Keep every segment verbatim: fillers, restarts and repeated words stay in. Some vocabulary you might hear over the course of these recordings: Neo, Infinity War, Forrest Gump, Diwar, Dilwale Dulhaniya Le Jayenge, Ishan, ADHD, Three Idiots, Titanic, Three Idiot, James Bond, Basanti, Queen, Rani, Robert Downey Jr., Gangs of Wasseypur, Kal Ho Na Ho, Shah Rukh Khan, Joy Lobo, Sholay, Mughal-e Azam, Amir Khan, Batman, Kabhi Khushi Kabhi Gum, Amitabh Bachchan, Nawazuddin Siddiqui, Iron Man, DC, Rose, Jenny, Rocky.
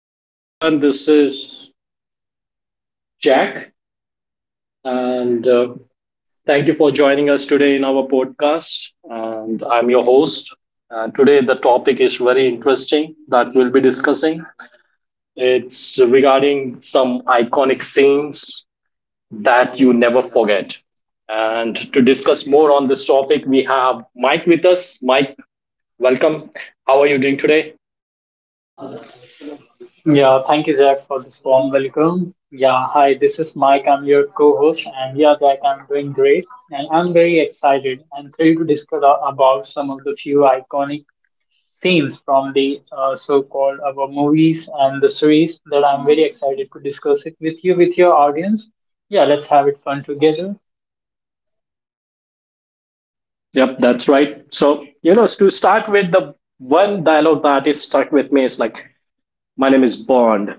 Hello, everyone. This is Jack, and uh, thank you for joining us today in our podcast. And I'm your host. Uh, today, the topic is very interesting that we'll be discussing. It's regarding some iconic scenes that you never forget. And to discuss more on this topic, we have Mike with us. Mike, welcome. How are you doing today? Yeah, thank you, Jack, for this warm welcome. Yeah, hi, this is Mike. I'm your co host. And yeah, Jack, I'm doing great. And I'm very excited and thrilled to discuss a- about some of the few iconic scenes from the uh, so called our movies and the series that I'm very excited to discuss it with you, with your audience. Yeah, let's have it fun together. Yep, that's right. So, you know, to start with, the one dialogue that is stuck with me is like, my name is Bond,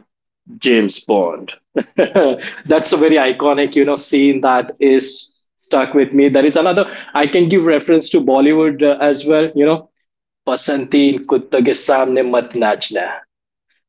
James Bond. That's a very iconic, you know, scene that is stuck with me. There is another. I can give reference to Bollywood uh, as well. You know, Basantin kutta ke samne mat nachna.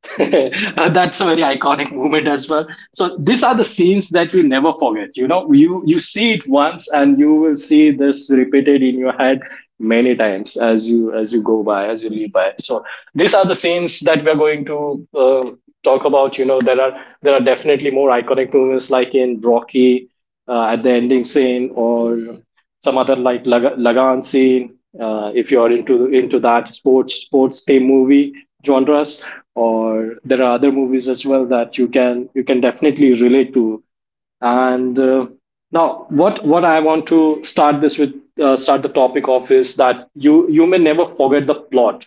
Uh, that's a very iconic moment as well. So these are the scenes that you never forget. You know, you you see it once and you will see this repeated in your head many times as you as you go by, as you live by. So these are the scenes that we are going to uh, talk about. You know, there are there are definitely more iconic moments like in Rocky uh, at the ending scene, or some other like Lag- Lagan scene, uh, if you're into into that sports sports team movie genres, or there are other movies as well that you can you can definitely relate to. And uh, now, what what I want to start this with, uh, start the topic of, is that you you may never forget the plot,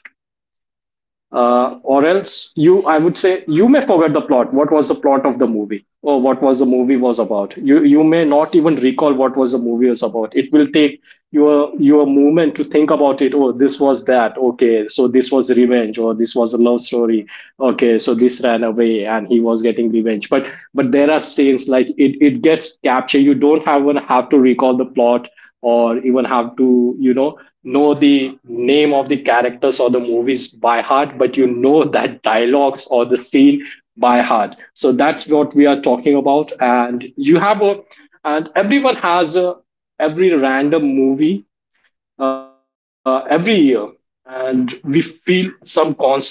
uh, or else you I would say you may forget the plot, what was the plot of the movie, or what was the movie was about. You you may not even recall what was the movie was about. It will take your your movement to think about it. Oh, this was that. Okay, so this was revenge, or this was a love story. Okay, so this ran away and he was getting revenge. But but there are scenes like, it it gets captured. You don't have even have to recall the plot, or even have to, you know know the name of the characters or the movies by heart, but you know that dialogues or the scene by heart. So that's what we are talking about. And you have a, and everyone has a, every random movie, uh, every year, and we feel some constant uh,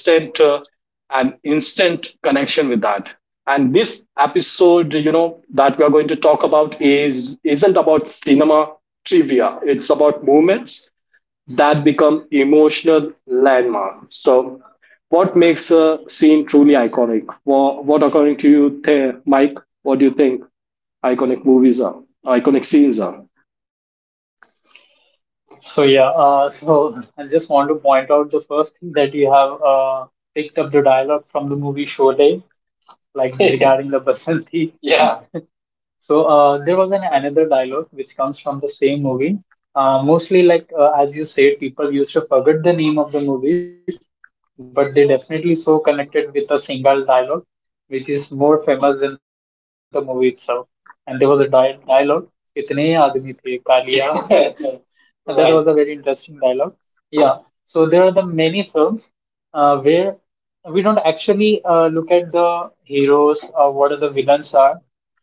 and instant connection with that. And this episode, you know, that we are going to talk about, is isn't about cinema trivia. It's about moments that become emotional landmarks. So, what makes a scene truly iconic? What, what according to you, the- Mike? What do you think iconic movies are? Iconic scenes are? So, yeah, uh, so I just want to point out the first thing that you have uh, picked up the dialogue from the movie Sholay, like regarding the Basanti. Yeah. So uh, there was an another dialogue which comes from the same movie. Uh, mostly, like uh, as you said, people used to forget the name of the movies, but they definitely so connected with a single dialogue, which is more famous than the movie itself. And there was a di- dialogue, "कितने आदमी थे Kaliya?" That right, was a very interesting dialogue. Yeah. So there are the many films uh, where we don't actually uh, look at the heroes or what are the villains are,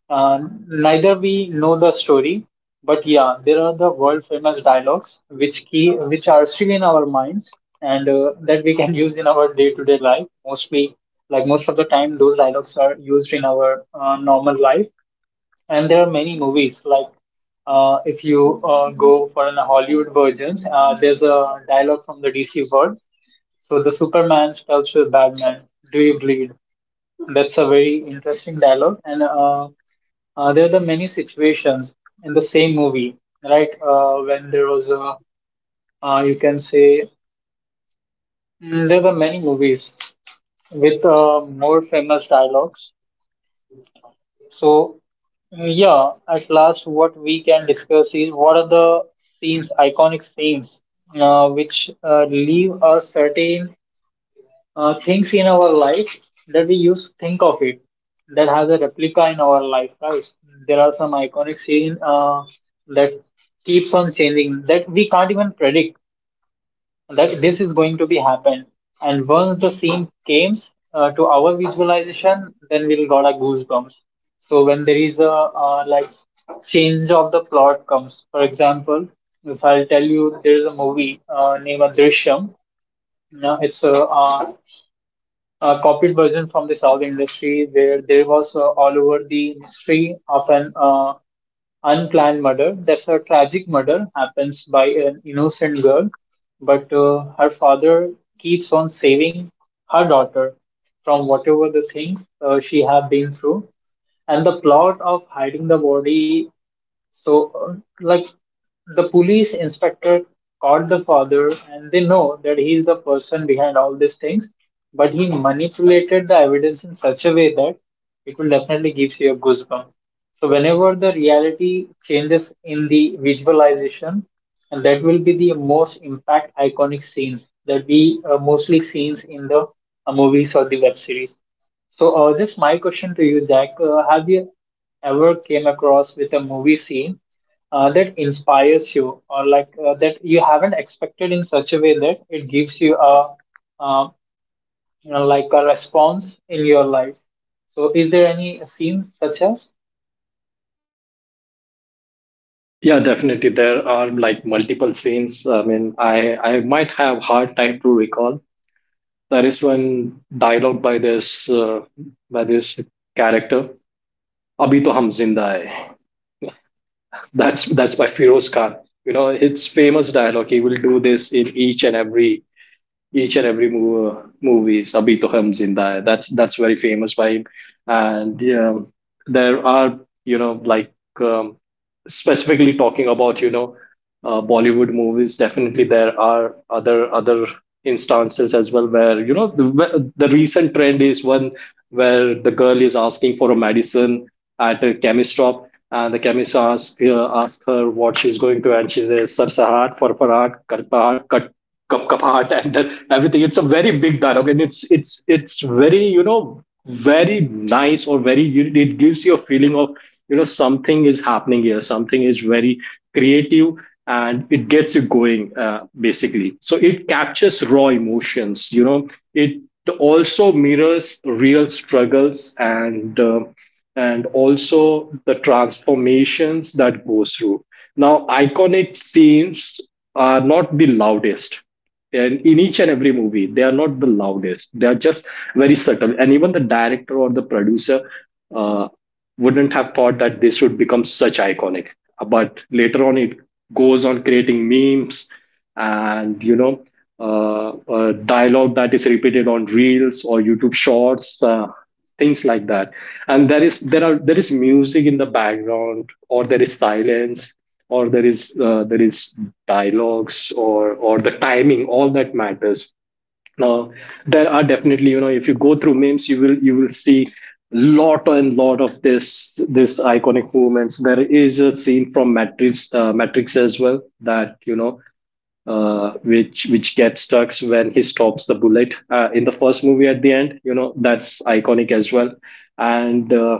uh, neither we know the story, but yeah, there are the world famous dialogues which key which are still in our minds and uh, that we can use in our day to day life. Mostly, like most of the time, those dialogues are used in our uh, normal life. And there are many movies like uh, if you uh, go for an Hollywood version. Uh, there's a dialogue from the D C world. So the Superman tells to the Batman, "Do you bleed?" That's a very interesting dialogue, and uh, uh, there are the many situations in the same movie, right? Uh, when there was a, uh, you can say, mm, there were many movies with uh, more famous dialogues. So, mm, yeah, at last, what we can discuss is what are the scenes, iconic scenes, uh, which uh, leave a certain uh, things in our life that we used to think of it, that has a replica in our life, right? There are some iconic scene uh, that keeps on changing, that we can't even predict that this is going to be happen. And once the scene came uh, to our visualization, then we'll got a goosebumps. So when there is a uh, like change of the plot comes. For example, if I'll tell you, there is a movie uh, named Drishyam. No, it's a uh, a copied version from the South industry, where there was uh, all over the mystery of an uh, unplanned murder. That's a tragic murder happens by an innocent girl, but uh, her father keeps on saving her daughter from whatever the things uh, she have been through. And the plot of hiding the body. So, uh, like the police inspector caught the father, and they know that he is the person behind all these things. But he manipulated the evidence in such a way that it will definitely give you a goosebump. So, whenever the reality changes in the visualization, and that will be the most impact iconic scenes that we, uh, mostly scenes in the uh, movies or the web series. So, uh, just my question to you, Jack. Uh, have you ever came across with a movie scene uh, that inspires you, or like uh, that you haven't expected in such a way that it gives you a uh, you know like a response in your life? So is there any scene such as? Yeah, definitely. There are like multiple scenes. I mean, I I might have hard time to recall. There is one dialogue by this uh, by this character, "Abhi to hum zinda hai." That's that's by Firoz Khan. You know, it's famous dialogue. He will do this in each and every each and every movie, movie Sabhi Toham Zinda. Hai. That's that's very famous by him. And yeah, there are, you know, like, um, specifically talking about, you know, uh, Bollywood movies. Definitely, there are other other instances as well where, you know, the, the recent trend is one where the girl is asking for a medicine at a chemist shop, and the chemist asks uh, ask her what she's going to, and she says sar sahar for farag cup cup heart and the, everything. It's a very big dialogue and it's it's it's very, you know, very nice, or very you- it gives you a feeling of, you know, something is happening here, something is very creative, and it gets you going, uh, basically. So it captures raw emotions, you know. It also mirrors real struggles, and uh, and also the transformations that goes through. Now iconic scenes are not the loudest, and in each and every movie they are not the loudest. They are just very subtle, and even the director or the producer uh, wouldn't have thought that this would become such iconic, but later on it goes on creating memes, and you know, uh, uh, dialogue that is repeated on reels or YouTube shorts, uh, things like that. And there is there are there is music in the background, or there is silence, or there is uh, there is dialogues, or or the timing, all that matters now. There are definitely, you know, if you go through memes, you will you will see lot and lot of this this iconic movements. There is a scene from Matrix, uh, Matrix as well, that you know uh, which which gets stuck when he stops the bullet uh, in the first movie at the end. You know, that's iconic as well. And uh,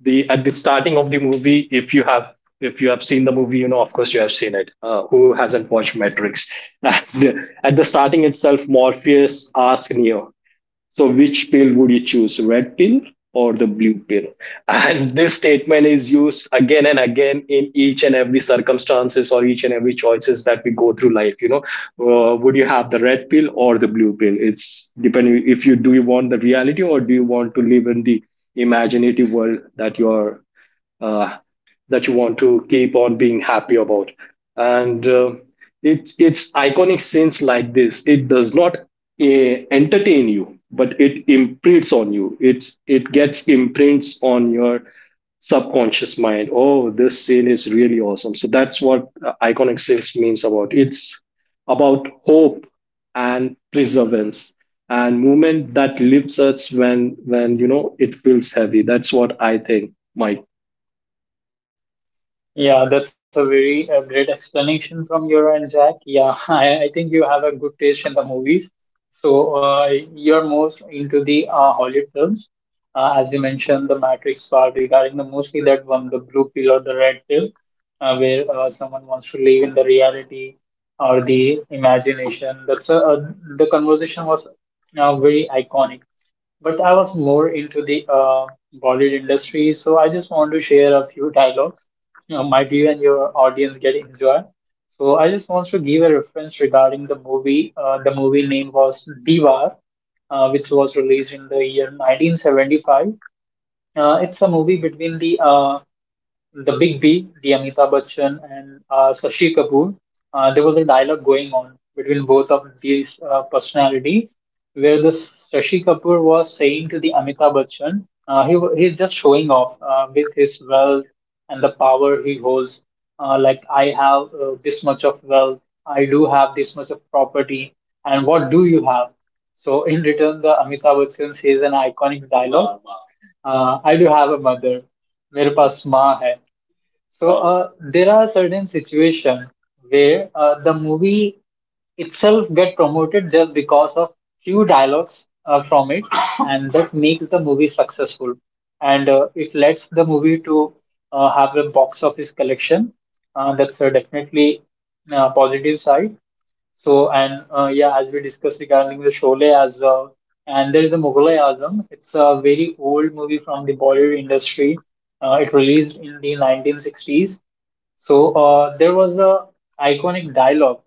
the at the starting of the movie, if you have if you have seen the movie, you know, of course you have seen it, uh, who hasn't watched Matrix at the, at the starting itself, Morpheus asks Neo, so, which pill would you choose, red pill or the blue pill? And this statement is used again and again in each and every circumstances, or each and every choices that we go through life. You know, uh, would you have the red pill or the blue pill? It's depending, if you, do you want the reality, or do you want to live in the imaginative world that you are uh, that you want to keep on being happy about. And uh, it's it's iconic scenes like this. It does not eh, entertain you, but it imprints on you. It's, it gets imprints on your subconscious mind. Oh, this scene is really awesome. So that's what uh, iconic scenes means about. It's about hope and perseverance and movement that lifts us when when you know it feels heavy. That's what I think, Mike. Yeah, that's a very uh, great explanation from your end, Jack. Yeah, I, I think you have a good taste in the movies. So uh, you're most into the uh, Hollywood films, uh, as you mentioned, the Matrix part regarding the mostly that one, the blue pill or the red pill, uh, where uh, someone wants to live in the reality or the imagination. That's a, uh, the conversation was uh, very iconic, but I was more into the uh, Bollywood industry, so I just want to share a few dialogues. You know, might you and your audience get enjoy. So I just want to give a reference regarding the movie. Uh, the movie name was Diwar, uh, which was released in the year nineteen seventy-five. Uh, it's a movie between the uh, the Big B, the Amitabh Bachchan and uh, Sashi Kapoor. Uh, there was a dialogue going on between both of these uh, personalities, where the Sashi Kapoor was saying to the Amitabh Bachchan. Uh, he wa- he's just showing off uh, with his wealth and the power he holds. Uh, like, I have uh, this much of wealth, I do have this much of property, and what do you have? So in return, the Amitabh Bachchan says an iconic dialogue. Uh, I do have a mother. मेरे पास माँ है. So uh, there are certain situations where uh, the movie itself get promoted just because of few dialogues uh, from it, and that makes the movie successful, and uh, it lets the movie to uh, have a box office collection. Uh, that's uh, definitely uh, positive side. So, and uh, yeah, as we discussed regarding the Sholay as well, and there is the Mughal-e Azam. It's a very old movie from the Bollywood industry. Uh, it released in the nineteen sixties. So, uh, there was a iconic dialogue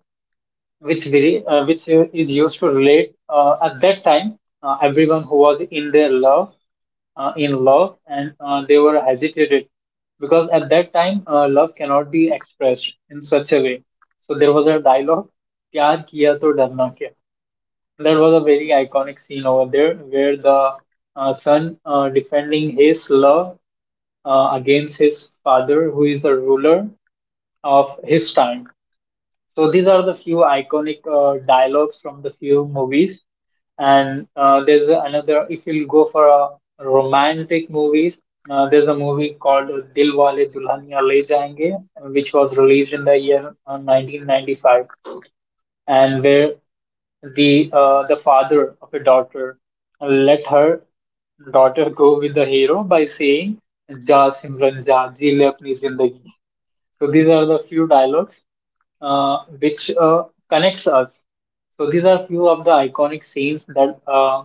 which we, uh, which uh, is used to relate uh, at that time, uh, everyone who was in their love, uh, in love, and uh, they were hesitated, because at that time uh, love cannot be expressed in such a way. So there was a dialogue, pyar kiya to darna kya. That was a very iconic scene over there, where the uh, son uh, defending his love uh, against his father, who is a ruler of his time. So these are the few iconic uh, dialogues from the few movies. And uh, there's another. If you'll go for a romantic movies, uh, there's a movie called Dilwale Dulhaniya Le Jayenge, which was released in the year uh, nineteen ninety-five, and where the uh, the father of a daughter let her daughter go with the hero by saying, "जा सिमरन जा, जी ले अपनी जिंदगी." So these are the few dialogues uh, which uh, connects us. So these are few of the iconic scenes that uh,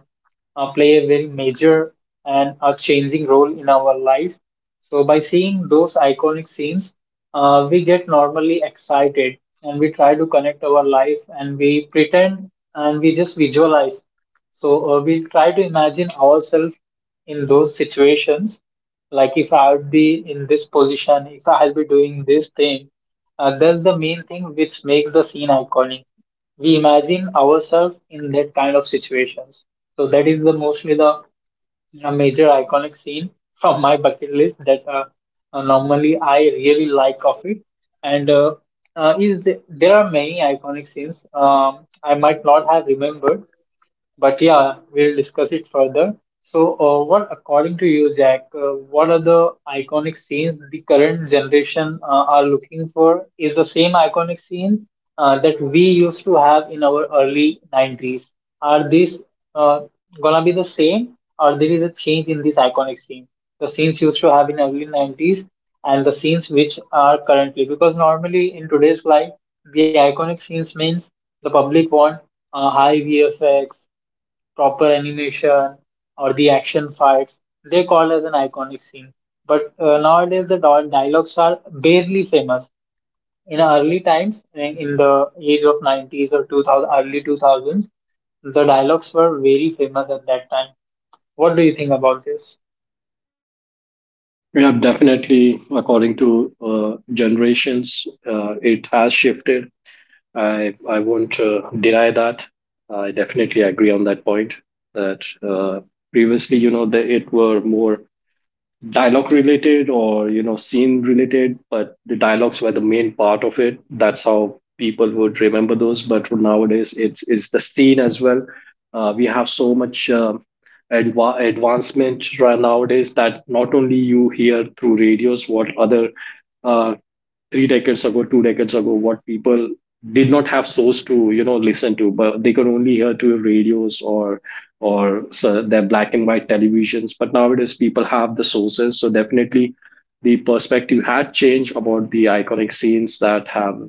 uh, play a very major and a changing role in our life. So by seeing those iconic scenes, uh, we get normally excited, and we try to connect our life and we pretend and we just visualize. So uh, we try to imagine ourselves in those situations, like if I would be in this position, if I'll be doing this thing. Uh, that's the main thing which makes the scene iconic. We imagine ourselves in that kind of situations. So that is the mostly the uh, major iconic scene from my bucket list that uh, uh, normally I really like of it. And uh, uh, is the, there are many iconic scenes um, I might not have remembered, but yeah, we'll discuss it further. So, uh, what, according to you, Jack, uh, what are the iconic scenes the current generation uh, are looking for? Is the same iconic scene uh, that we used to have in our early nineties? Are these uh, gonna be the same, or there is a change in this iconic scene? The scenes used to have in early nineties and the scenes which are currently, because normally in today's life, the iconic scenes means the public want uh, high V F X, proper animation, or the action fights, they call as an iconic scene. But uh, nowadays the dial- dialogues are barely famous. In early times, in in the age of nineties or two thousand, early two thousands, the dialogues were very famous at that time. What do you think about this? Yeah, definitely. According to uh, generations, uh, it has shifted. I I won't uh, deny that. I definitely agree on that point. That uh, previously, you know, the, it were more dialogue related, or you know scene related, but the dialogues were the main part of it. That's how people would remember those. But for nowadays, it's it's the scene as well. uh, we have so much um adva- advancement right nowadays, that not only you hear through radios, what other uh, three decades ago, two decades ago, what people did not have source to, you know, listen to, but they could only hear through radios or or so their black and white televisions. But nowadays, people have the sources. So definitely, the perspective had changed about the iconic scenes that have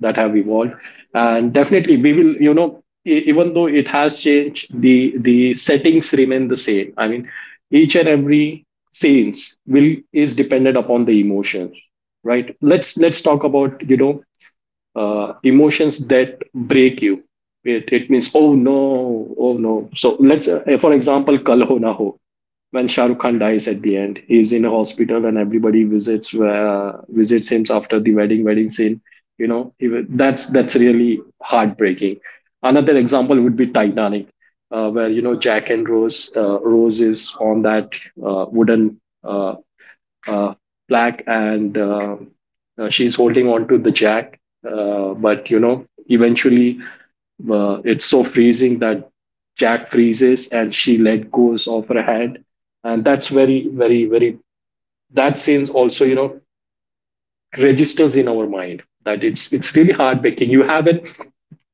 that have evolved, and definitely we will, you know, e- even though it has changed, the the settings remain the same. I mean, each and every scenes will is dependent upon the emotions, right? Let's let's talk about, you know, uh, emotions that break you. It, it means, oh no, oh no. So let's, uh, for example, Kal Ho Na Ho, when Shah Rukh Khan dies at the end, he's in a hospital and everybody visits uh, visits him after the wedding wedding scene. You know, he, wa- that's that's really heartbreaking. Another example would be Titanic, uh, where you know Jack and Rose, uh, Rose is on that uh, wooden uh, uh, black and uh, uh, she's holding on to the jack. Uh, but you know, eventually uh, it's so freezing that Jack freezes and she let goes of her hand, and that's very, very, very. That scene's also, you know, registers in our mind that it's it's really heartbreaking. You have an,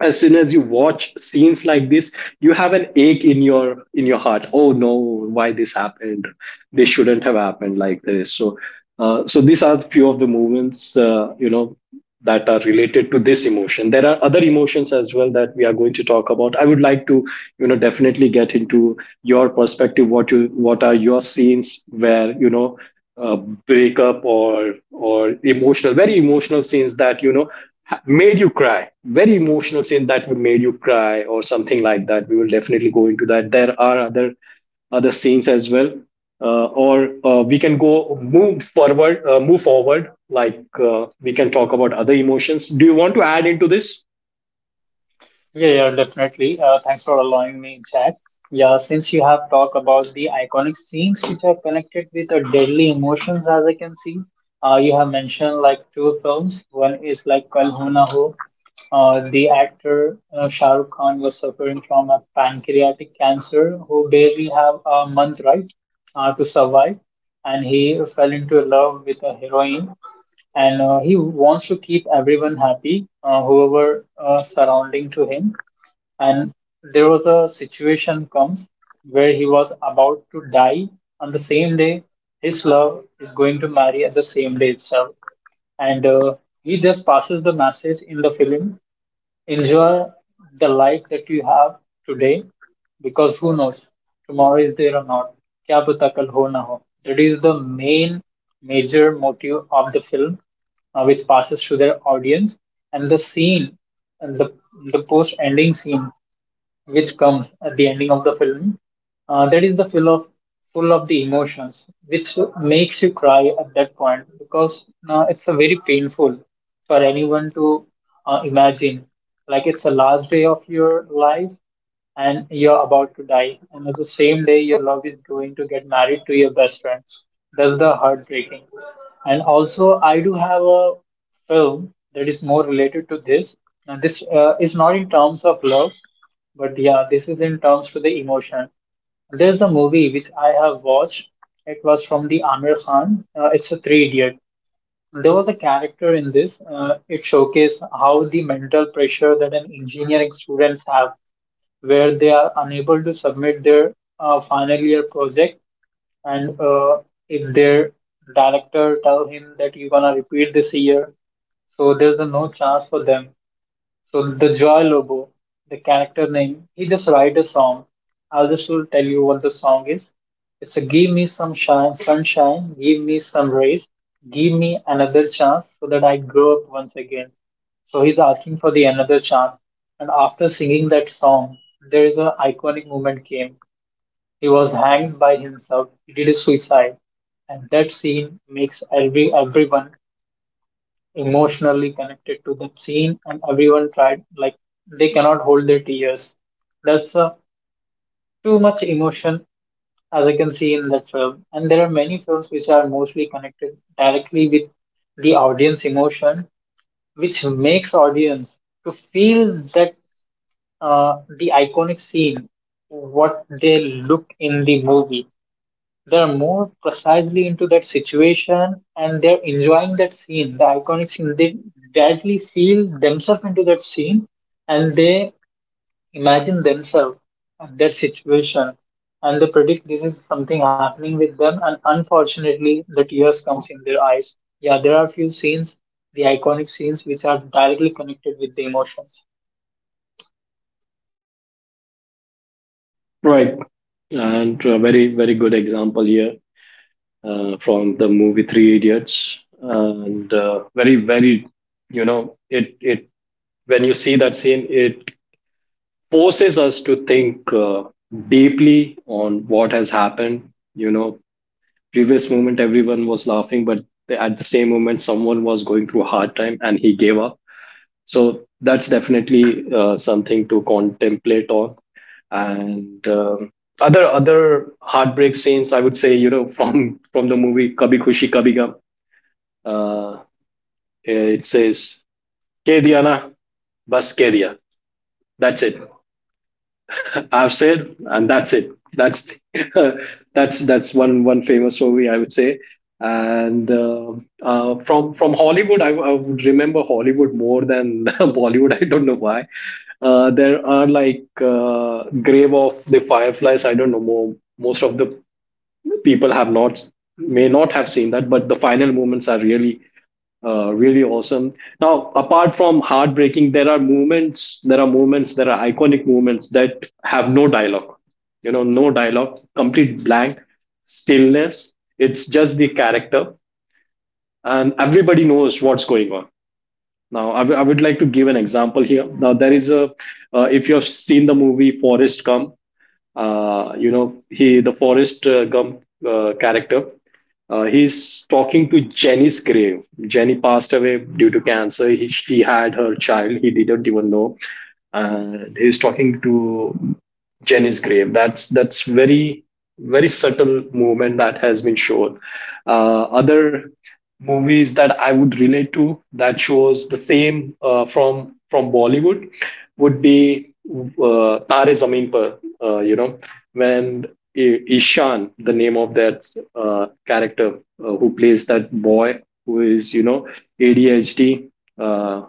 as soon as you watch scenes like this, you have an ache in your in your heart. Oh no, why this happened, this shouldn't have happened like this. So uh, so these are few of the movements, uh, you know, that are related to this emotion. There are other emotions as well that we are going to talk about. I would like to, you know, definitely get into your perspective, what you, what are your scenes where, you know, uh, breakup, or or emotional, very emotional scenes that you know ha- made you cry, very emotional scene that would made you cry or something like that. We will definitely go into that. There are other other scenes as well, uh, or uh, we can go move forward, uh, move forward. Like uh, we can talk about other emotions. Do you want to add into this? Yeah, yeah, definitely. Uh, thanks for allowing me, Jack. Yeah, since you have talked about the iconic scenes which are connected with the deadly emotions, as I can see, uh, you have mentioned like two films. One is like Kal Ho Na Ho. Uh, the actor uh, Shah Rukh Khan was suffering from a pancreatic cancer, who barely have a month, right, uh, to survive, and he fell into love with a heroine, and uh, he wants to keep everyone happy, uh, whoever uh, surrounding to him. And there was a situation comes where he was about to die on the same day. His love is going to marry at the same day itself. And uh, he just passes the message in the film: enjoy the life that you have today, because who knows tomorrow is there or not. क्या पता कल हो ना हो. That is the main major motive of the film, uh, which passes to their audience. And the scene, and the the post ending scene which comes at the ending of the film. Uh, that is the full of full of the emotions, which makes you cry at that point because uh, it's a very painful for anyone to uh, imagine. Like it's the last day of your life and you're about to die, and at the same day your love is going to get married to your best friend. That's the heartbreaking. And also, I do have a film that is more related to this. Now, this uh, is not in terms of love, but yeah, this is in terms to the emotion. There's a movie which I have watched. It was from the Amir Khan. Uh, it's a Three Idiot. There was a character in this. Uh, it showcased how the mental pressure that an engineering students have, where they are unable to submit their uh, final year project, and uh, if their director tell him that you're gonna repeat this year, so there's a no chance for them. So the Joy Lobo, the character name, he just write a song. I'll just will tell you what the song is. It's a give me some shine, sunshine, give me some rays, give me another chance so that I grow up once again. So he's asking for the another chance. And after singing that song, there is an iconic moment came. He was hanged by himself. He did a suicide, and that scene makes every everyone emotionally connected to that scene, and everyone tried like they cannot hold their tears. That's uh, Too much emotion as I can see in that film. And there are many films which are mostly connected directly with the audience emotion, which makes audience to feel that, uh, the iconic scene what they look in the movie, they're more precisely into that situation and they're enjoying that scene, the iconic scene. They directly feel themselves into that scene, and they imagine themselves and that situation, and they predict this is something happening with them, and unfortunately the tears comes in their eyes. Yeah, there are few scenes, the iconic scenes which are directly connected with the emotions. Right. And a very very good example here, uh, from the movie Three Idiots, and uh, very very you know it it when you see that scene, it forces us to think uh, deeply on what has happened. You know, previous moment everyone was laughing, but at the same moment someone was going through a hard time and he gave up. So that's definitely uh, something to contemplate on. And um other other heartbreak scenes, I would say, you know, from from the movie Kabhi Khushi Kabhi Gum, uh, it says "Keh diya na, bas keh diya." That's it. I've said, and that's it. That's that's that's one one famous movie I would say. And uh, uh, from from Hollywood, I, I would remember Hollywood more than Bollywood. I don't know why. Uh, there are like uh, grave of the fireflies. I don't know more. Most of the people have not may not have seen that, but the final moments are really uh, really awesome. Now, apart from heartbreaking, there are movements, there are movements, there are iconic movements that have no dialogue. You know, no dialogue, complete blank, stillness. It's just the character, and everybody knows what's going on. Now, I w- I would like to give an example here. Now, there is a, uh, if you have seen the movie Forrest Gump, uh, you know he the forest uh, gump uh, character uh, he's talking to Jenny's grave. Jenny passed away due to cancer. He, she had her child. He didn't even know, and he's talking to Jenny's grave. That's that's very very subtle movement that has been shown. Uh, other movies that I would relate to that shows the same uh, from from Bollywood would be uh, Tare Zameen Par. Uh, you know when I- Ishan, the name of that uh, character, uh, who plays that boy who is, you know, A D H D, uh,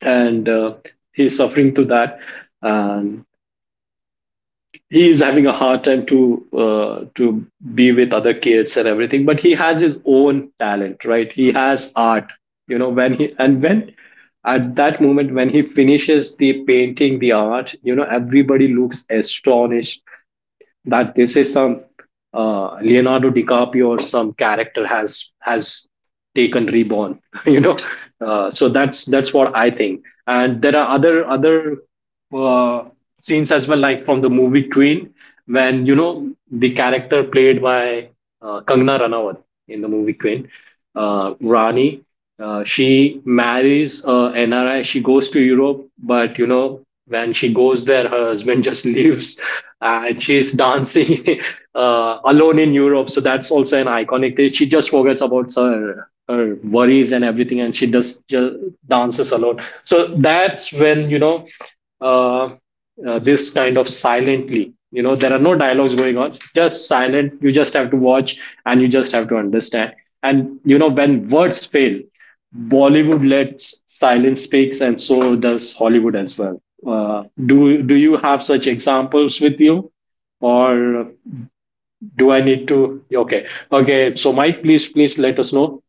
and uh, he's suffering through that, and he is having a hard time to uh, to be with other kids and everything, but he has his own talent, right? He has art. You know, when he, and when at that moment when he finishes the painting, the art, you know, everybody looks astonished that this is some uh, Leonardo DiCaprio or some character has has taken reborn. You know, uh, so that's that's what I think. And there are other other uh, scenes as well, like from the movie Queen, when, you know, the character played by uh, Kangna Ranawat in the movie Queen, uh, Rani. Uh, she marries a N R I. She goes to Europe, but you know when she goes there, her husband just leaves, and she's dancing uh, alone in Europe. So that's also an iconic thing. She just forgets about her her worries and everything, and she just, just dances alone. So that's when, you know, uh, uh, this kind of silently. You know, there are no dialogues going on, just silent. You just have to watch and you just have to understand. And, you know, when words fail, Bollywood lets silence speaks, and so does Hollywood as well. Uh, do do you have such examples with you, or do I need to? Okay, okay. So Mike, please please let us know.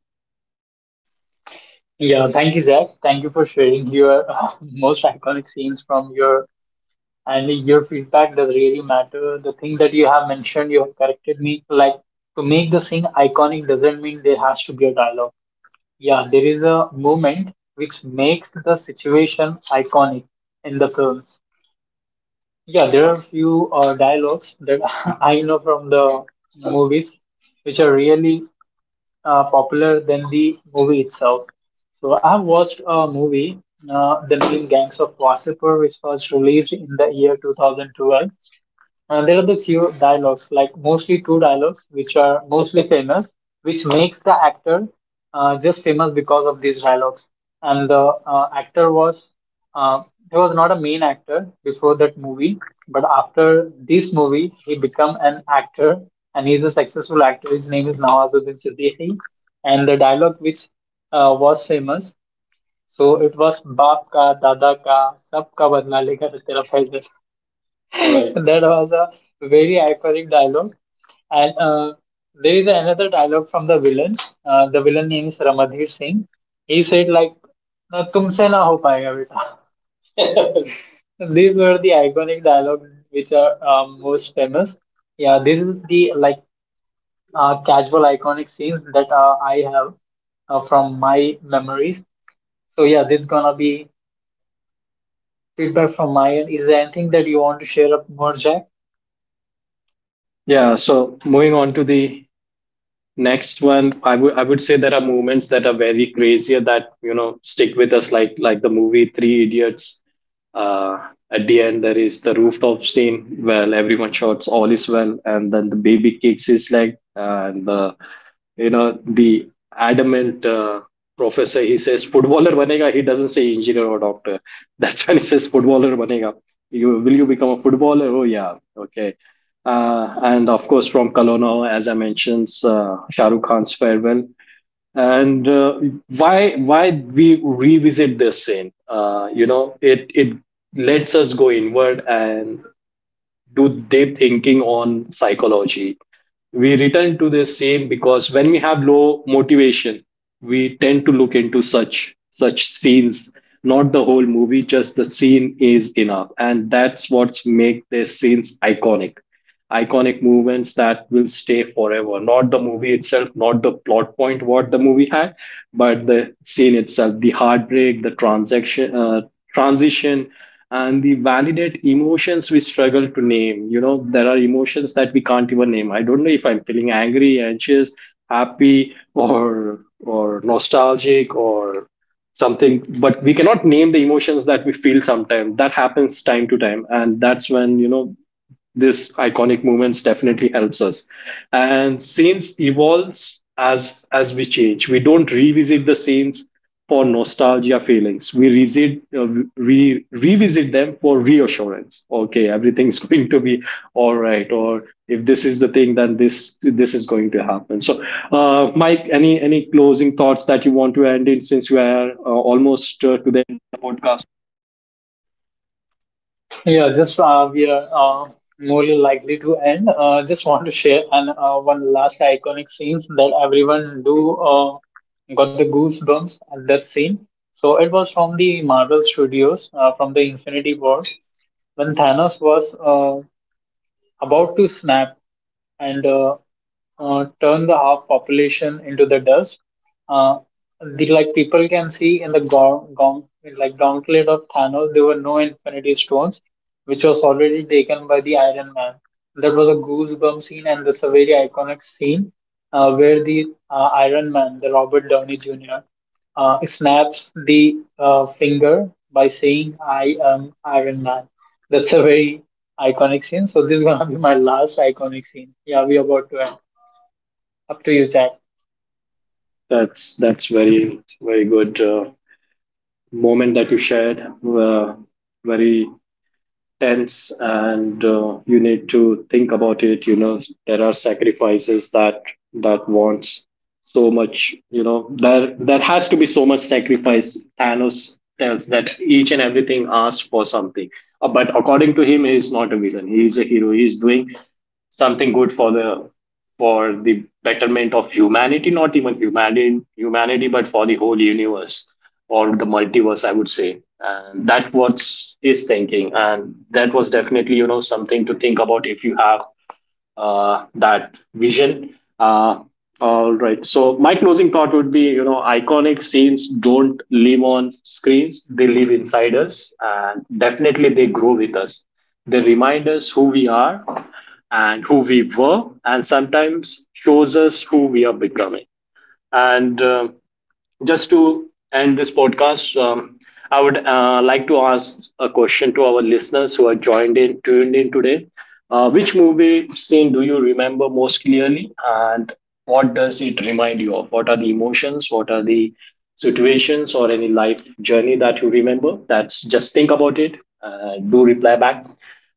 Yeah, thank you, Zach. Thank you for sharing your most iconic scenes from your and your feedback does really matter. The thing that you have mentioned, you have corrected me. Like to make the thing iconic doesn't mean there has to be a dialogue. Yeah, there is a moment which makes the situation iconic in the films. Yeah, there are a few uh, dialogues that I know from the movies which are really uh, popular than the movie itself. So I have watched a movie, uh, The Name Gangs of Wasseypur, which was released in the year twenty twelve. Uh, there are the few dialogues, like mostly two dialogues, which are mostly famous, which makes the actor uh, just famous because of these dialogues. And the uh, actor was, uh, he was not a main actor before that movie, but after this movie, he become an actor, and he's a successful actor. His name is Nawazuddin Siddiqui, and the dialogue which uh, was famous, so it was "Baap ka, Dada ka, Sab ka badla lega tera faiz." Right. That was a very iconic dialogue. And uh, there is another dialogue from the villain. Uh, the villain name is Ramadhir Singh. He said like, "ना तुमसे ना हो पाएगा बेटा." These were the iconic dialogue which are um, most famous. Yeah, this is the like uh, casual iconic scenes that uh, I have uh, from my memories. So yeah, this gonna be feedback from my end. Is there anything that you want to share up more, Jack? Yeah. So moving on to the next one, i would i would say there are moments that are very crazier that, you know, stick with us, like like the movie three idiots. uh at the end, there is the rooftop scene where everyone shouts all is well, and then the baby kicks his leg, and the, you know, the adamant uh, professor, he says footballer banega. He doesn't say engineer or doctor. That's when he says footballer banega. You will you become a footballer. Oh, yeah, okay. Uh, and of course, from Kalono, as I mentioned, uh, Shah Rukh Khan's farewell. And uh, why why we revisit this scene? Uh, you know, it it lets us go inward and do deep thinking on psychology. We return to the same because when we have low motivation, we tend to look into such such scenes. Not the whole movie, just the scene is enough, and that's what make the scenes iconic. Iconic movements that will stay forever. Not the movie itself, not the plot point what the movie had, but the scene itself, the heartbreak, the transaction, uh, transition, and they validate emotions we struggle to name. You know, there are emotions that we can't even name. I don't know if I'm feeling angry, anxious, happy, or or nostalgic or something, but we cannot name the emotions that we feel sometimes. That happens time to time, and that's when, you know, this iconic moments definitely helps us. And scenes evolves as as we change. We don't revisit the scenes for nostalgia feelings. We revisit uh, we revisit them for reassurance. Okay, everything's going to be all right. Or if this is the thing, then this this is going to happen. So, uh, Mike, any any closing thoughts that you want to end in, since we are uh, almost uh, to the end of the podcast? Yeah, just uh, we are uh, more likely to end. Uh, just want to share and uh, one last iconic scenes that everyone do uh, got the goosebumps at that scene. So it was from the Marvel Studios uh, from the Infinity War when Thanos was uh, about to snap and uh, uh, turn the half population into the dust. Uh, the, like people can see in the gaunt, gaunt, like gauntlet of Thanos, there were no Infinity Stones, which was already taken by the Iron Man. That was a goosebump scene, and that's a very iconic scene uh, where the uh, Iron Man, the Robert Downey Junior, uh, snaps the uh, finger by saying, "I am Iron Man." That's a very iconic scene. So this is gonna be my last iconic scene. Yeah, we're about to end. Up to you, Zach. That's that's very very good. Uh, moment that you shared were very tense, and uh, you need to think about it. You know, there are sacrifices that that wants so much. You know, there there has to be so much sacrifice. Thanos tells that each and everything asks for something. Uh, but according to him, he is not a villain, he is a hero. He is doing something good for the for the betterment of humanity, not even humanity, humanity, but for the whole universe or the multiverse, I would say. And that's what is thinking, and that was definitely, you know, something to think about if you have uh, that vision. Uh, all right. So my closing thought would be, you know, iconic scenes don't live on screens; they live inside us, and definitely they grow with us. They remind us who we are and who we were, and sometimes shows us who we are becoming. And uh, Just to end this podcast, um, I would uh, like to ask a question to our listeners who are joined in, tuned in today. Uh, which movie scene do you remember most clearly, and what does it remind you of? What are the emotions? What are the situations or any life journey that you remember? That's just think about it. Uh, do reply back.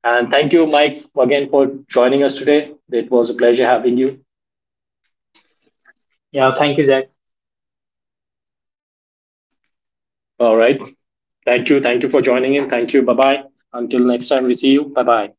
And thank you, Mike, again for joining us today. It was a pleasure having you. Yeah, thank you, Zach. All right. Thank you. Thank you for joining in. Thank you. Bye bye. Until next time, we see you. Bye bye.